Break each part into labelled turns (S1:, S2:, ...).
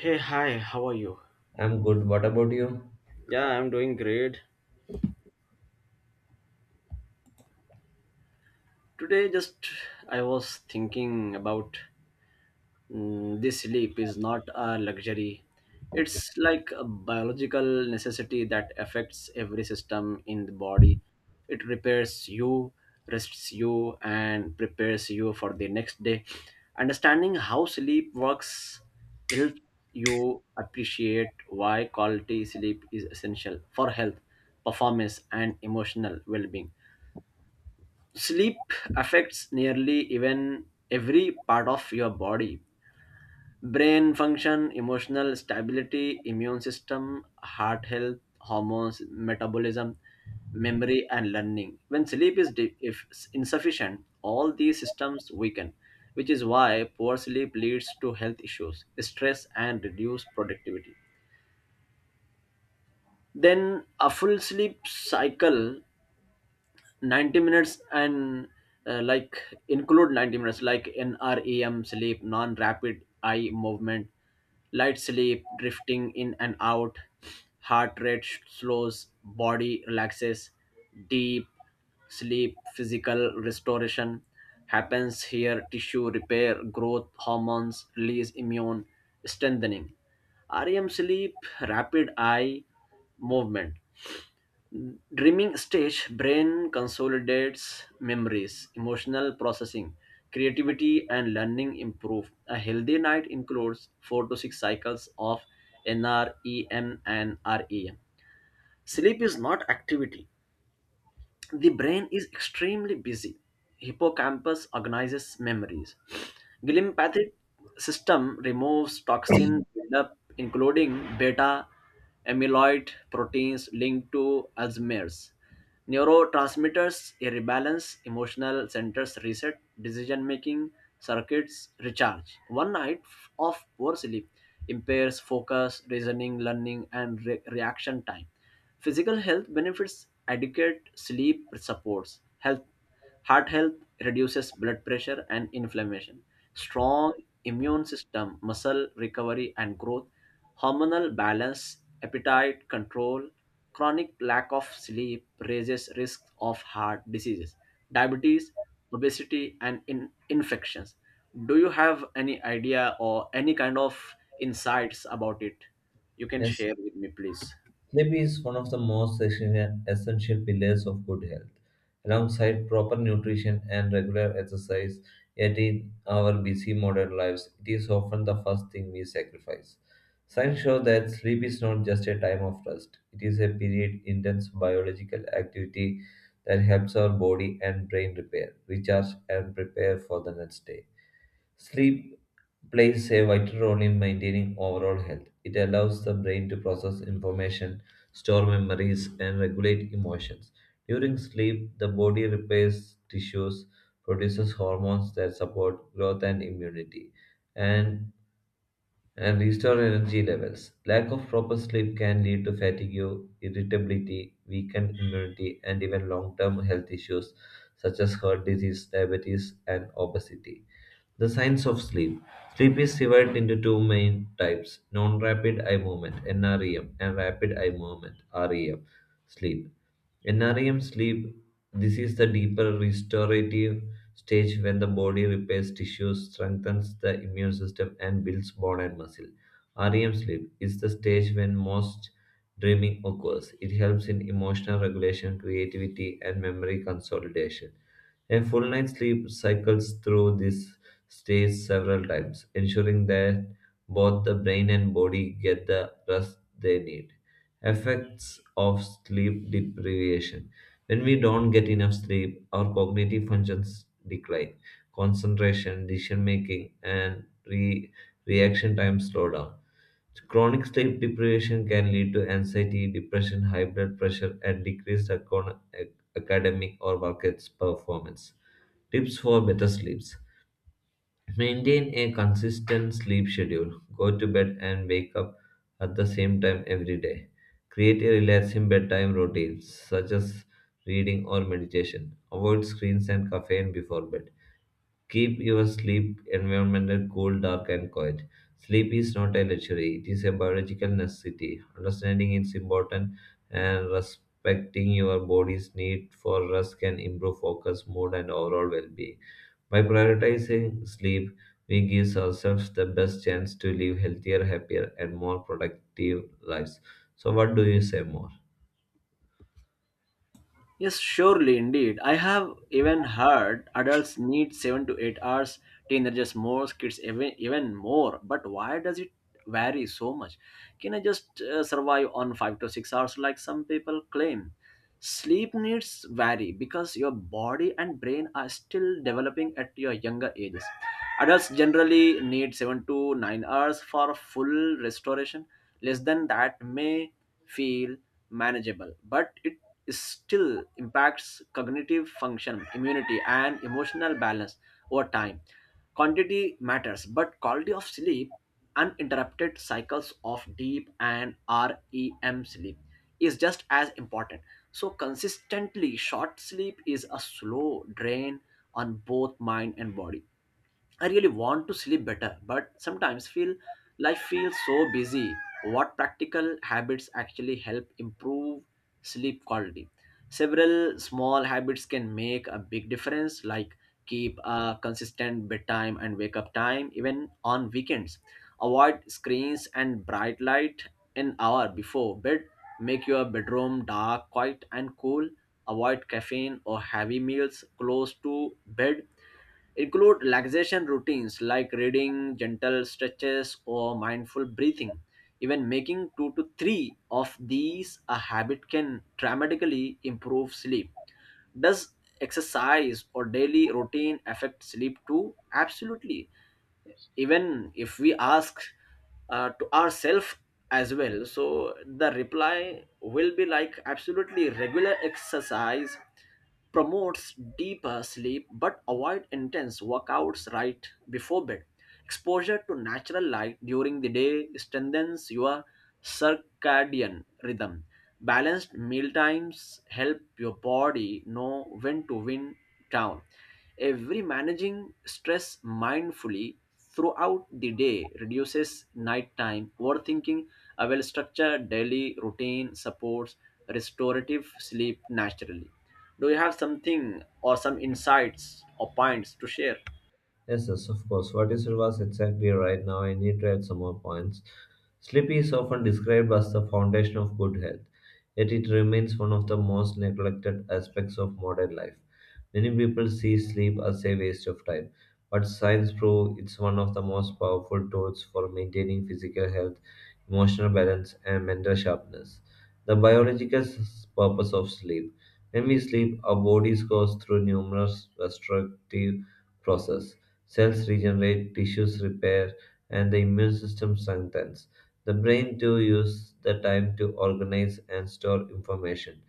S1: Hey, hi, how are you?
S2: I'm good. What about you?
S1: Yeah, I'm doing great. Today, just I was thinking about, this sleep is not a luxury. It's like a biological necessity that affects every system in the body. It repairs you, rests you, and prepares you for the next day. Understanding how sleep works helps you appreciate why quality sleep is essential for health, performance, and emotional well being. Sleep affects nearly even every part of your body, brain function, emotional stability, immune system, heart health, hormones, metabolism, memory and learning. When sleep is if insufficient, all these systems weaken, which is why poor sleep leads to health issues, stress, and reduced productivity. Then a full sleep cycle, 90 minutes, and uh, like include 90 minutes, like NREM sleep, non rapid eye movement. Light sleep, drifting in and out, heart rate slows, body relaxes. Deep sleep, physical restoration happens here, tissue repair, growth hormones release, immune strengthening. REM sleep, rapid eye movement, dreaming stage, brain consolidates memories, emotional processing, creativity and learning improve. A healthy night includes 4 to 6 cycles of NREM and REM. Sleep is not activity, the brain is extremely busy. Hippocampus organizes memories. Glympathic system removes toxin buildup, including beta amyloid proteins linked to Alzheimer's. Neurotransmitters rebalance, emotional centers reset, decision making circuits recharge. One night of poor sleep impairs focus, reasoning, learning, and reaction time. Physical health benefits, adequate sleep supports health, heart health, reduces blood pressure and inflammation, strong immune system, muscle recovery and growth, hormonal balance, appetite control. Chronic lack of sleep raises risk of heart diseases, diabetes, obesity, and infections. Do you have any idea or any kind of insights about it? You can
S2: Yes,
S1: share with me, please.
S2: sleep is one of the most essential pillars of good health. Alongside proper nutrition and regular exercise, yet in our busy modern lives, it is often the first thing we sacrifice. Science shows that sleep is not just a time of rest, it is a period intense biological activity that helps our body and brain repair, recharge, and prepare for the next day. Sleep plays a vital role in maintaining overall health. It allows the brain to process information, store memories, and regulate emotions. During sleep, the body repairs tissues, produces hormones that support growth and immunity, and, and restore energy levels. Lack of proper sleep can lead to fatigue, irritability, weakened immunity, and even long term health issues such as heart disease, diabetes, and obesity. The science of sleep. Sleep is divided into two main types, non rapid eye movement NREM and rapid eye movement REM sleep. NREM sleep, this is the deeper restorative stage when the body repairs tissues, strengthens the immune system, and builds bone and muscle. REM sleep is the stage when most dreaming occurs. It helps in emotional regulation, creativity, and memory consolidation. A full night's sleep cycles through this stage several times, ensuring that both the brain and body get the rest they need. Effects of sleep deprivation. When we don't get enough sleep, our cognitive functions decline. Concentration, decision making, and reaction time slow down. Chronic sleep deprivation can lead to anxiety, depression, high blood pressure, and decreased academic or market performance. Tips for better sleeps. Maintain a consistent sleep schedule. Go to bed and wake up at the same time every day. Create a relaxing bedtime routine, such as reading or meditation. Avoid screens and caffeine before bed. Keep your sleep environment cool, dark, and quiet. Sleep is not a luxury, it is a biological necessity. Understanding its importance and respecting your body's need for rest can improve focus, mood, and overall well being. By prioritizing sleep, we give ourselves the best chance to live healthier, happier, and more productive lives. So, what do you say more?
S1: Yes, surely, indeed. I have even heard adults need 7 to 8 hours, teenagers more, kids even more. But why does it vary so much? Can I just survive on 5 to 6 hours like some people claim? Sleep needs vary because your body and brain are still developing at your younger ages. Adults generally need 7 to 9 hours for full restoration. Less than that may feel manageable, but still impacts cognitive function, immunity, and emotional balance over time. Quantity matters, but quality of sleep, uninterrupted cycles of deep and REM sleep, is just as important. So, consistently short sleep is a slow drain on both mind and body. I really want to sleep better, but sometimes feel life feels so busy. What practical habits actually help improve sleep quality? Several small habits can make a big difference, like keep a consistent bedtime and wake up time, even on weekends. Avoid screens and bright light an hour before bed. Make your bedroom dark, quiet, and cool. Avoid caffeine or heavy meals close to bed. Include relaxation routines like reading, gentle stretches, or mindful breathing. Even making two to three of these a habit can dramatically improve sleep. Does exercise or daily routine affect sleep too? Absolutely. Even if we ask to ourselves as well, so the reply will be like, absolutely, regular exercise promotes deeper sleep, but avoid intense workouts right before bed. Exposure to natural light during the day strengthens your circadian rhythm. Balanced meal times help your body know when to wind down. Every managing stress mindfully throughout the day reduces nighttime overthinking. A well structured daily routine supports restorative sleep naturally. Do you have something or some insights or points to share?
S2: Yes, yes, of course. What you said was exactly right. Now I need to add some more points. Sleep is often described as the foundation of good health, yet it remains one of the most neglected aspects of modern life. Many people see sleep as a waste of time, but science proves it's one of the most powerful tools for maintaining physical health, emotional balance, and mental sharpness. The biological purpose of sleep. When we sleep, our bodies goes through numerous restorative processes. Cells regenerate, tissues repair, and the immune system strengthens. The brain too uses the time to organize and store information.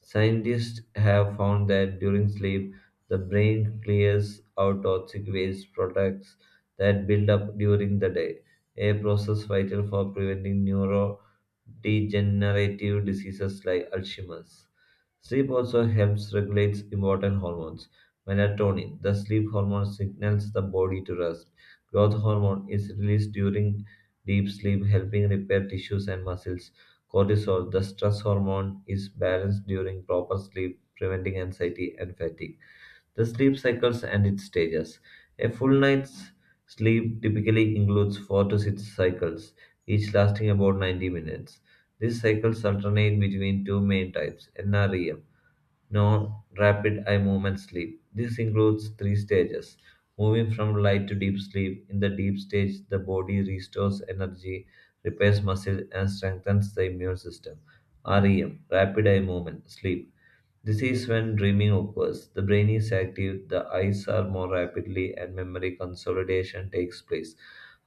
S2: Scientists have found that during sleep, the brain clears out toxic waste products that build up during the day, a process vital for preventing neurodegenerative diseases like Alzheimer's. Sleep also helps regulate important hormones. Melatonin, the sleep hormone, signals the body to rest. Growth hormone is released during deep sleep, helping repair tissues and muscles. Cortisol, the stress hormone, is balanced during proper sleep, preventing anxiety and fatigue. The sleep cycles and its stages. A full night's sleep typically includes 4 to 6 cycles, each lasting about 90 minutes. These cycles alternate between two main types, NREM, no rapid eye movement sleep. This includes three stages moving from light to deep sleep. In the deep stage, the body restores energy, repairs muscle, and strengthens the immune system. REM, rapid eye movement sleep. This is when dreaming occurs. The brain is active, the eyes are more rapidly, and memory consolidation takes place.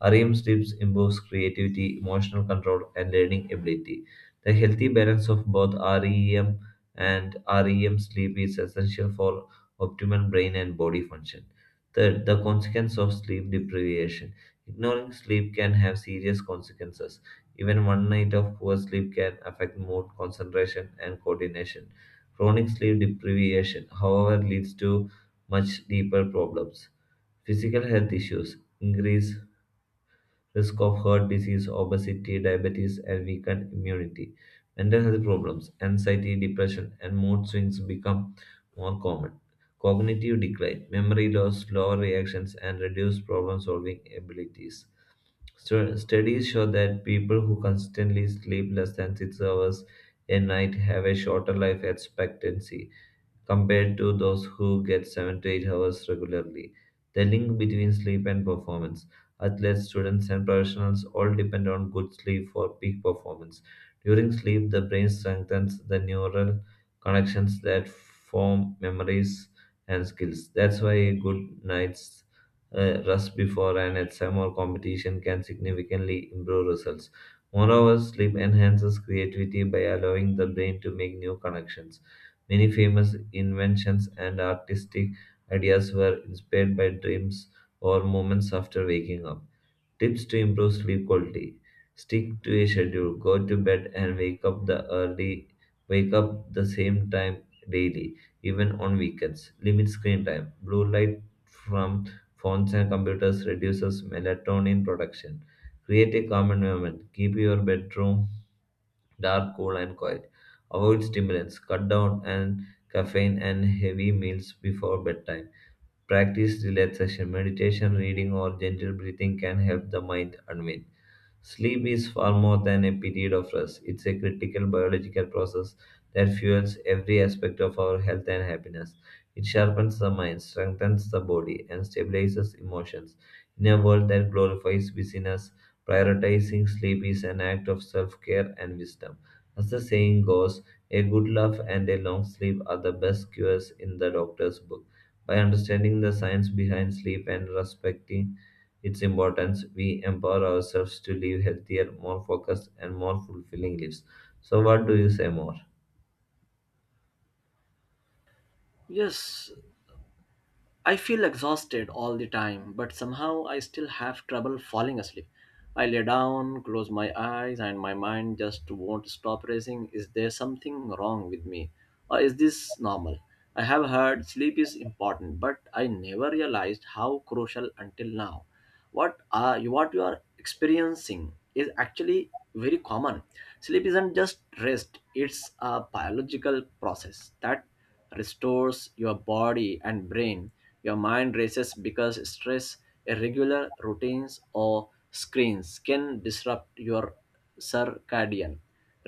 S2: REM sleeps improves creativity, emotional control, and learning ability. The healthy balance of both REM and REM sleep is essential for optimal brain and body function. Third, the consequence of sleep deprivation. Ignoring sleep can have serious consequences. Even one night of poor sleep can affect mood, concentration, and coordination. Chronic sleep deprivation, however, leads to much deeper problems. Physical health issues, increase risk of heart disease, obesity, diabetes, and weakened immunity. Mental health problems, anxiety, depression, and mood swings become more common. Cognitive decline, memory loss, slower reactions, and reduced problem solving abilities. So studies show that people who constantly sleep less than 6 hours a night have a shorter life expectancy compared to those who get 7 to 8 hours regularly. The link between sleep and performance. Athletes, students, and professionals all depend on good sleep for peak performance. During sleep, the brain strengthens the neural connections that form memories and skills. That's why a good night's rest before an exam or competition can significantly improve results. Moreover, sleep enhances creativity by allowing the brain to make new connections. Many famous inventions and artistic ideas were inspired by dreams or moments after waking up. Tips to improve sleep quality. Stick to a schedule. Go to bed and wake up the early wake up the same time daily, even on weekends. Limit screen time. Blue light from phones and computers reduces melatonin production. Create a calm environment. Keep your bedroom dark, cool, and quiet. Avoid stimulants, cut down on caffeine and heavy meals before bedtime. Practice relaxation, meditation, reading, or gentle breathing can help the mind unwind. Sleep is far more than a period of rest. It's a critical biological process that fuels every aspect of our health and happiness. It sharpens the mind, strengthens the body, and stabilizes emotions. In a world that glorifies busyness, prioritizing sleep is an act of self care and wisdom. As the saying goes, a good laugh and a long sleep are the best cures in the doctor's book. By understanding the science behind sleep and respecting its importance, we empower ourselves to live healthier, more focused, and more fulfilling lives. So, what do you say more?
S1: Yes, I feel exhausted all the time, but somehow I still have trouble falling asleep. I lay down, close my eyes, and my mind just won't stop racing. Is there something wrong with me? Or is this normal? I have heard sleep is important, but I never realized how crucial until now. What you are experiencing is actually very common. Sleep isn't just rest, it's a biological process that restores your body and brain. Your mind races because stress, irregular routines, or screens can disrupt your circadian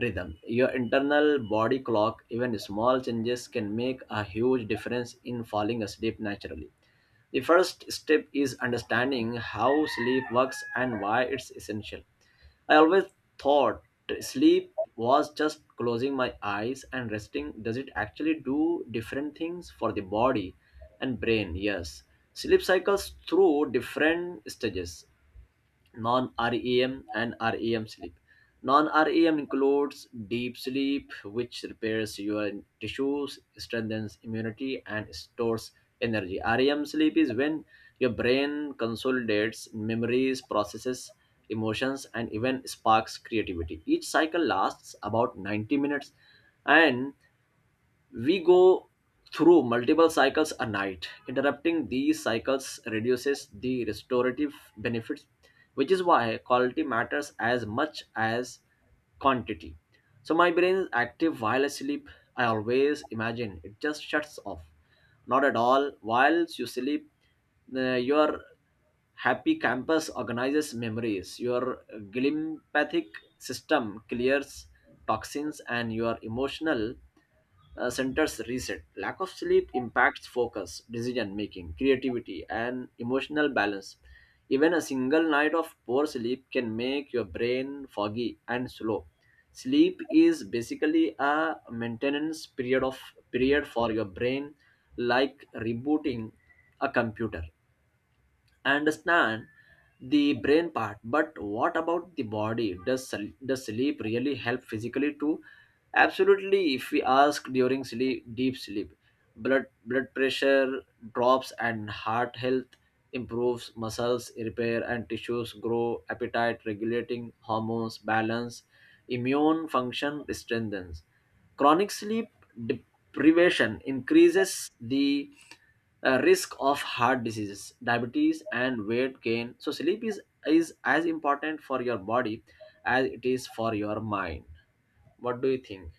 S1: rhythm, your internal body clock. Even small changes can make a huge difference in falling asleep naturally. The first step is understanding how sleep works and why it's essential. I always thought sleep was just closing my eyes and resting. Does it actually do different things for the body and brain? Yes. Sleep cycles through different stages, non-REM and REM sleep. Non-REM includes deep sleep, which repairs your tissues, strengthens immunity, and stores energy. REM sleep is when your brain consolidates memories, processes emotions, and even sparks creativity. Each cycle lasts about 90 minutes, and we go through multiple cycles a night. Interrupting these cycles reduces the restorative benefits, which is why quality matters as much as quantity. So my brain is active while I sleep. I always imagine it just shuts off. Not at all. Whilst you sleep, your happy campus organizes memories. Your glympathic system clears toxins, and your emotional, centers reset. Lack of sleep impacts focus, decision making, creativity, and emotional balance. Even a single night of poor sleep can make your brain foggy and slow. Sleep is basically a maintenance period for your brain, like rebooting a computer. I understand the brain part, but what about the body? Does sleep really help physically too? Absolutely. If we ask, during sleep, deep sleep, blood pressure drops and heart health improves, muscles repair and tissues grow, appetite regulating hormones balance, immune function strengthens. Chronic sleep deprivation increases the risk of heart diseases, diabetes, and weight gain. So sleep is as important for your body as it is for your mind. What do you think?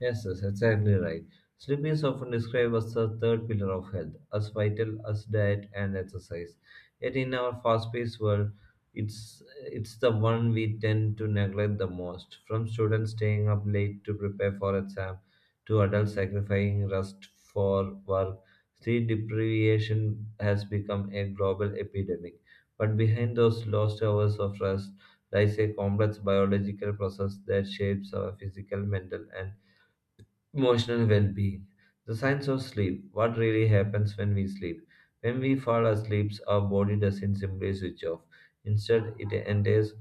S2: Yes, yes, exactly right. Sleep is often described as the third pillar of health, as vital as diet and exercise. Yet in our fast-paced world, it's it's the one we tend to neglect the most. From students staying up late to prepare for exam, to adults sacrificing rest for work, sleep deprivation has become a global epidemic. But behind those lost hours of rest lies a complex biological process that shapes our physical, mental, and emotional well being. The science of sleep. What really happens when we sleep? When we fall asleep, our body doesn't simply switch off. Instead, it enters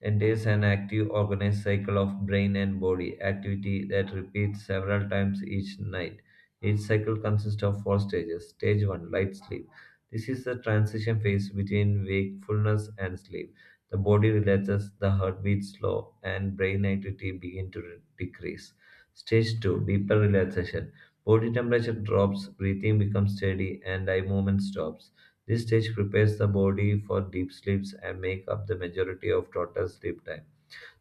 S2: Entails an active, organized cycle of brain and body activity that repeats several times each night. Each cycle consists of four stages. Stage 1, light sleep. This is the transition phase between wakefulness and sleep. The body relaxes, the heart beats slow, and brain activity begin to decrease. Stage 2, deeper relaxation. Body temperature drops, breathing becomes steady, and eye movement stops. This stage prepares the body for deep sleeps and make up the majority of total sleep time.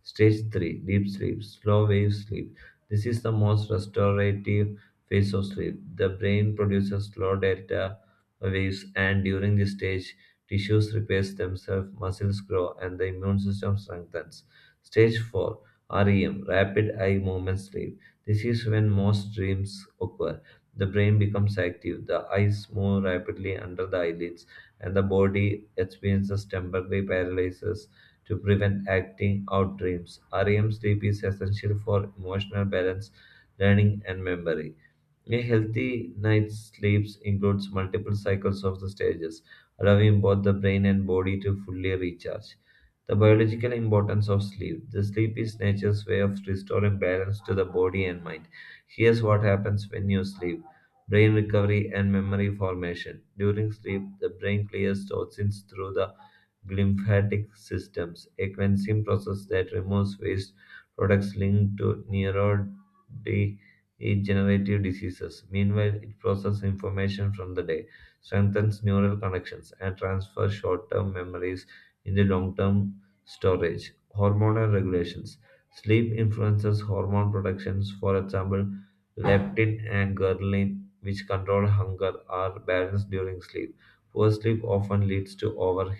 S2: Stage 3, deep sleep, slow wave sleep. This is the most restorative phase of sleep. The brain produces slow delta waves, and during this stage, tissues repair themselves, muscles grow, and the immune system strengthens. Stage 4, REM, rapid eye movement sleep. This is when most dreams occur. The brain becomes active, the eyes move rapidly under the eyelids, and the body experiences temporary paralysis to prevent acting out dreams. REM sleep is essential for emotional balance, learning, and memory. A healthy night's sleep includes multiple cycles of the stages, allowing both the brain and body to fully recharge. The biological importance of sleep. The sleep is nature's way of restoring balance to the body and mind. Here's what happens when you sleep. Brain recovery and memory formation. During sleep, the brain clears toxins through the lymphatic systems, a cleansing process that removes waste products linked to neurodegenerative diseases. Meanwhile, it processes information from the day, strengthens neural connections, and transfers short term memories into long term storage. Hormonal regulations. Sleep influences hormone productions, for example, leptin and ghrelin, which control hunger, are balanced during sleep. Poor sleep often leads to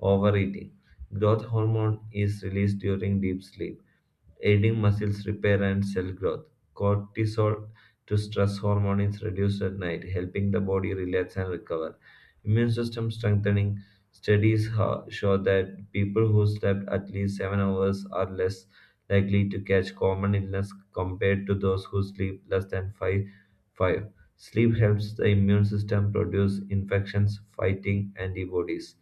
S2: overeating. Growth hormone is released during deep sleep, aiding muscles repair and cell growth. Cortisol to stress hormone is reduced at night, helping the body relax and recover. Immune system strengthening. Studies show that people who slept at least 7 hours are less likely to catch common illness compared to those who sleep less than 5. Sleep helps the immune system produce infections, fighting antibodies.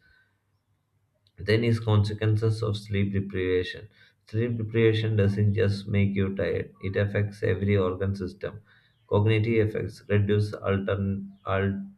S2: Then is consequences of sleep deprivation. Sleep deprivation doesn't just make you tired; it affects every organ system. Cognitive effects reduce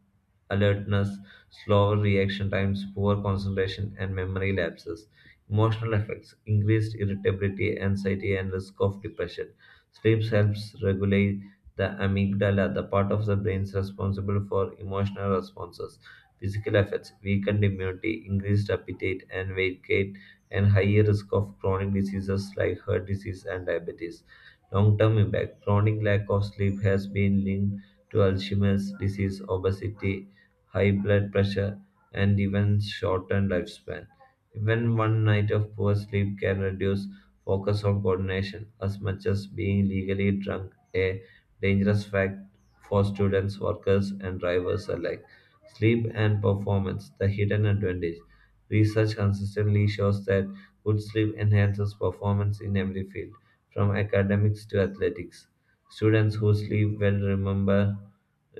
S2: alertness, slower reaction times, poor concentration, and memory lapses. Emotional effects increased irritability, anxiety, and risk of depression. Sleep helps regulate the amygdala, the part of the brain responsible for emotional responses. Physical effects weakened immunity, increased appetite and weight gain, and higher risk of chronic diseases like heart disease and diabetes. Long term impact chronic lack of sleep has been linked to Alzheimer's disease, obesity, high blood pressure, and even shortened lifespan. Even one night of poor sleep can reduce focus on coordination as much as being legally drunk, a dangerous fact for students, workers, and drivers alike. Sleep and performance, the hidden advantage. Research consistently shows that good sleep enhances performance in every field, from academics to athletics. Students who sleep well remember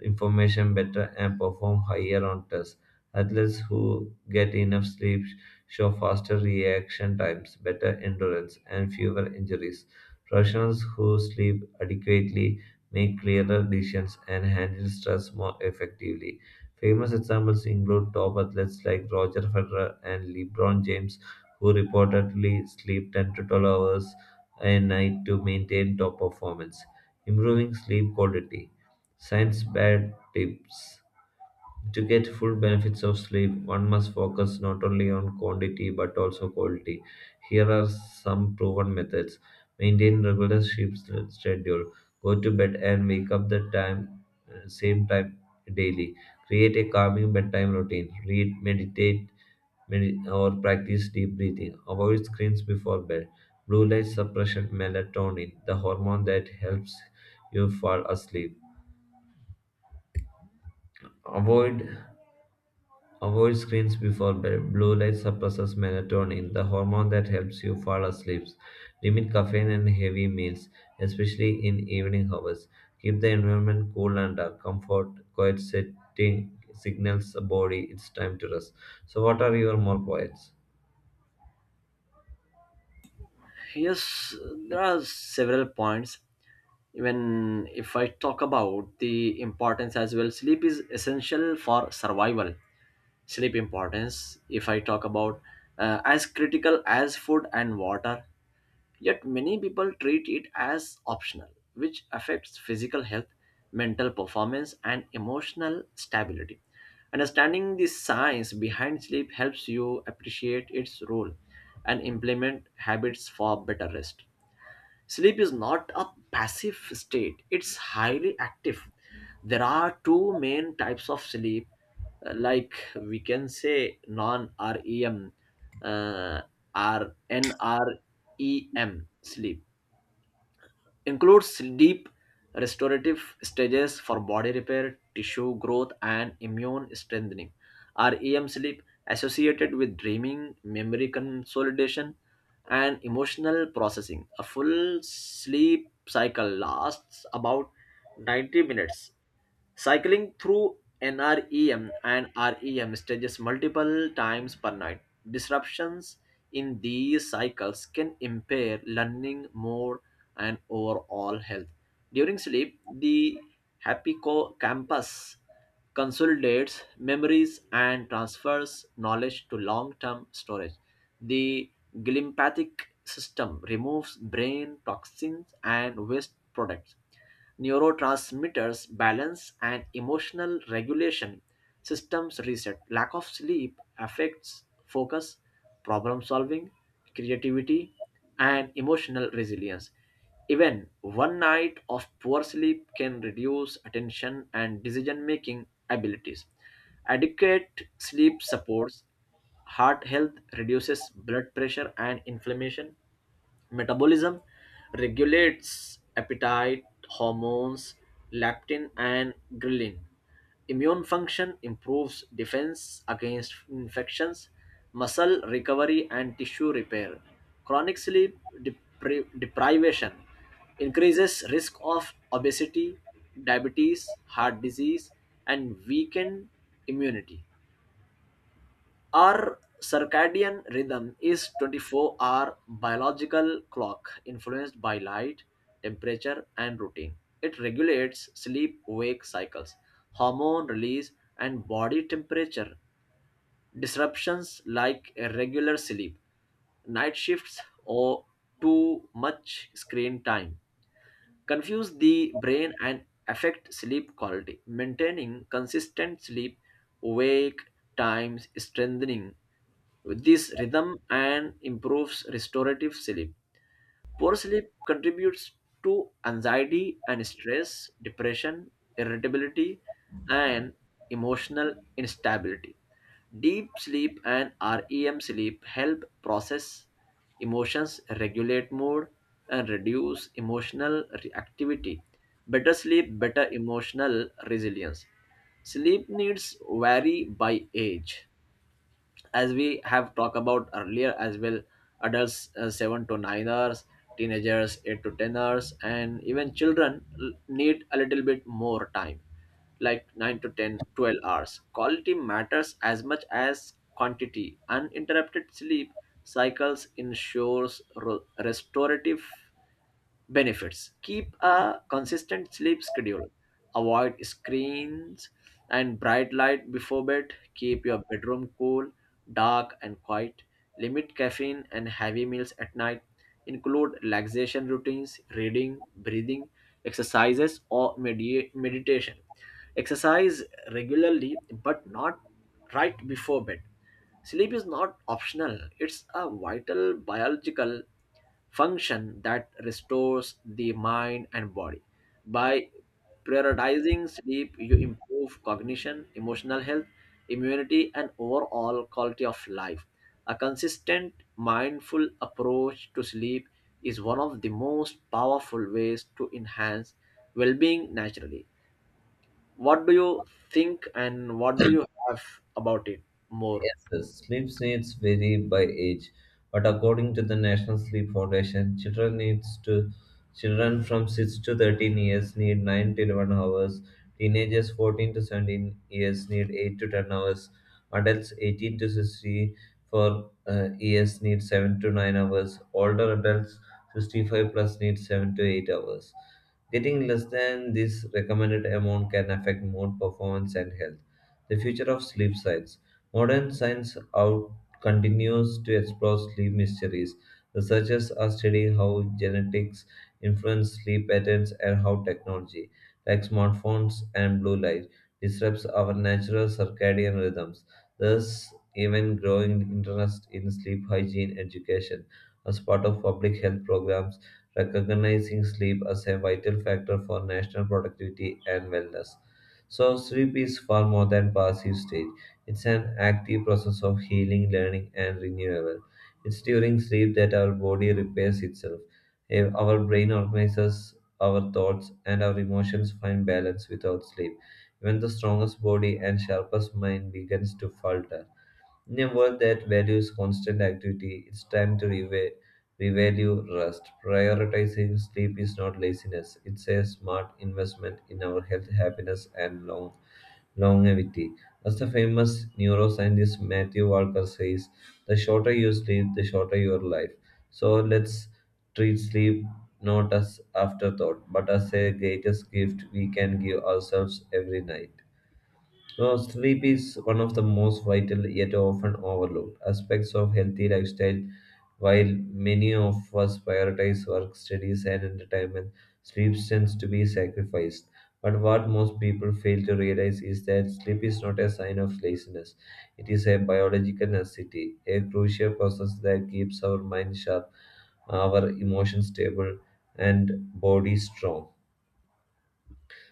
S2: information better and perform higher on tests. Athletes who get enough sleep show faster reaction times, better endurance, and fewer injuries. Professionals who sleep adequately make clearer decisions and handle stress more effectively. Famous examples include top athletes like Roger Federer and LeBron James, who reportedly sleep 10 to 12 hours a night to maintain top performance. Improving sleep quality. Science bad tips. To get full benefits of sleep, one must focus not only on quantity but also quality. Here are some proven methods. Maintain regular schedule. Go to bed and wake up the time same time daily. Create a calming bedtime routine. Read, meditate, or practice deep breathing. Avoid screens before bed. Blue light suppression melatonin, the hormone that helps you fall asleep. Avoid Avoid screens before bed. Blue light suppresses melatonin, the hormone that helps you fall asleep. Limit caffeine and heavy meals, especially in evening hours. Keep the environment cool and dark. Comfort, quiet setting signals the body it's time to rest. So, what are your more points?
S1: Yes, there are several points. Even if I talk about the importance as well, sleep is essential for survival. Sleep importance, if I talk about, as critical as food and water, yet many people treat it as optional, which affects physical health, mental performance, and emotional stability. Understanding the science behind sleep helps you appreciate its role and implement habits for better rest. Sleep is not a passive state, it's highly active. There are two main types of sleep. We can say non REM, uh, or NREM sleep includes deep restorative stages for body repair, tissue growth, and immune strengthening. REM sleep, associated with dreaming, memory consolidation, and emotional processing. A full sleep cycle lasts about 90 minutes, cycling through NREM and REM stages multiple times per night. Disruptions in these cycles can impair learning, mood, and overall health. During sleep, the hippocampus consolidates memories and transfers knowledge to long-term storage. The glympathic system removes brain toxins and waste products, neurotransmitters balance and emotional regulation systems reset. Lack of sleep affects focus, problem solving, creativity, and emotional resilience. Even one night of poor sleep can reduce attention and decision making abilities. Adequate sleep supports heart health, reduces blood pressure and inflammation. Metabolism regulates appetite, hormones, leptin, and ghrelin. Immune function improves defense against infections, muscle recovery, and tissue repair. Chronic sleep deprivation increases risk of obesity, diabetes, heart disease, and weakened immunity. Our circadian rhythm is 24-hour biological clock influenced by light, temperature, and routine. It regulates sleep-wake cycles, hormone release, and body temperature. Disruptions like irregular sleep, night shifts, or too much screen time confuse the brain and affect sleep quality. Maintaining consistent sleep wake times, strengthening with this rhythm and improves restorative sleep. Poor sleep contributes to anxiety and stress, depression, irritability, and emotional instability. Deep sleep and REM sleep help process emotions, regulate mood, and reduce emotional reactivity. Better sleep, better emotional resilience. Sleep needs vary by age, as we have talked about earlier as well. Adults, 7 to 9ers, teenagers 8 to 10ers, and even children need a little bit more time, like 9 to 10, 12 hours. Quality matters as much as quantity. Uninterrupted sleep cycles ensures restorative benefits. Keep a consistent sleep schedule, avoid screens and bright light before bed, keep your bedroom cool, dark, and quiet, limit caffeine and heavy meals at night, include relaxation routines, reading, breathing exercises, or meditation. Exercise regularly but not right before bed. Sleep is not optional, it's a vital biological function that restores the mind and body. By prioritizing sleep, you improve cognition, emotional health, immunity, and overall quality of life. A consistent, mindful approach to sleep is one of the most powerful ways to enhance well being naturally. What do you think and what do you have about it more?
S2: Yes, sleep needs vary by age, but according to the National Sleep Foundation, children from 6 to 13 years need 9 to 11 hours, teenagers 14 to 17 years need 8 to 10 hours, adults 18 to 64 years need 7 to 9 hours, older adults 65 plus need 7 to 8 hours. Getting less than this recommended amount can affect mood, performance, and health. The future of sleep science. Modern science out continues to explore sleep mysteries. Researchers are studying how genetics influence sleep patterns and how technology, like smartphones and blue light, disrupts our natural circadian rhythms. Thus, even growing interest in sleep hygiene education as part of public health programs, recognizing sleep as a vital factor for national productivity and wellness. So, sleep is far more than passive state. It's an active process of healing, learning, and renewal. It's during sleep that our body repairs itself. Our brain organizes our thoughts, and our emotions find balance without sleep. Even the strongest body and sharpest mind begins to falter. In a world that values constant activity, it's time to revalue rest. Prioritizing sleep is not laziness, it's a smart investment in our health, happiness, and longevity. As the famous neuroscientist Matthew Walker says, the shorter you sleep, the shorter your life. So let's treat sleep not as afterthought, but as a greatest gift we can give ourselves every night. So sleep is one of the most vital yet often overlooked aspects of healthy lifestyle. While many of us prioritize work, studies, and entertainment, sleep tends to be sacrificed. But what most people fail to realize is that sleep is not a sign of laziness. It is a biological necessity, a crucial process that keeps our mind sharp, our emotions stable, and body strong.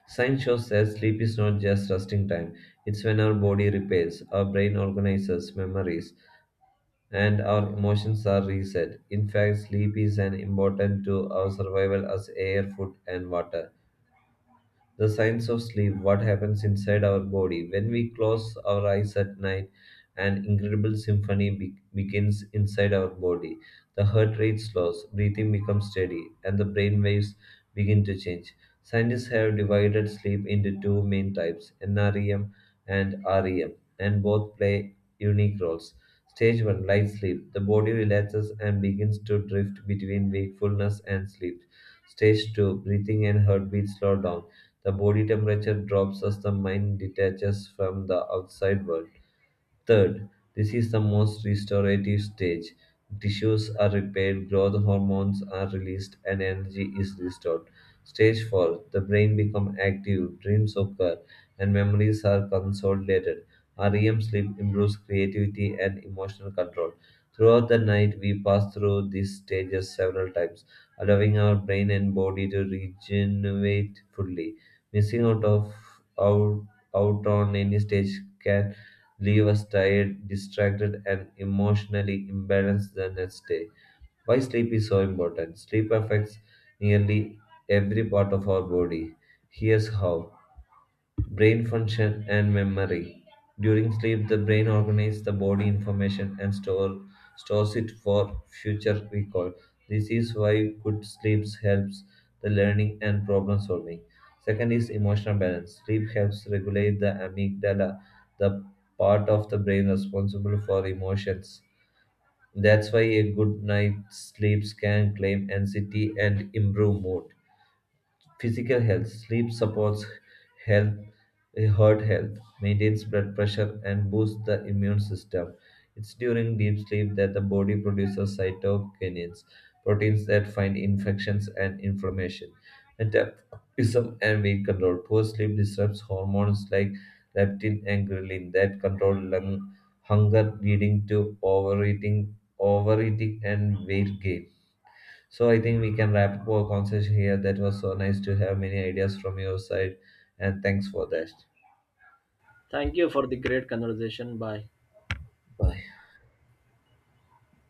S2: Science shows that sleep is not just resting time, it's when our body repairs, our brain organizes memories, and our emotions are reset. In fact, sleep is as important to our survival as air, food, and water. The science of sleep, what happens inside our body. When we close our eyes at night, an incredible symphony begins inside our body. The heart rate slows, breathing becomes steady, and the brain waves begin to change. Scientists have divided sleep into two main types, NREM and REM, and both play unique roles. Stage 1, light sleep. The body relaxes and begins to drift between wakefulness and sleep. Stage 2, breathing and heartbeat slow down. The body temperature drops as the mind detaches from the outside world. Third, this is the most restorative stage. Tissues are repaired, growth hormones are released, and energy is restored. Stage 4, the brain becomes active, dreams occur, and memories are consolidated. REM sleep improves creativity and emotional control. Throughout the night, we pass through these stages several times, allowing our brain and body to regenerate fully. Missing out of out, out on any stage can leave us tired, distracted, and emotionally imbalanced the next day. Why sleep is so important? Sleep affects nearly every part of our body. Here's how. Brain function and memory. During sleep, the brain organizes the body information and store, stores it for future recall. This is why good sleep helps the learning and problem solving. Second is emotional balance. Sleep helps regulate the amygdala, the part of the brain responsible for emotions. That's why a good night's sleep can calm anxiety and improve mood. Physical health. Sleep supports health, heart health, maintains blood pressure, and boosts the immune system. It's during deep sleep that the body produces cytokinins, proteins that fight infections and inflammation. Metabolism and weight control. Poor sleep disrupts hormones like leptin and ghrelin that control lung hunger, leading to overeating and weight gain so I think we can wrap up our conversation here. That was so nice to have many ideas from your side, and thanks for that.
S1: Thank you for the great conversation. Bye.
S2: Bye.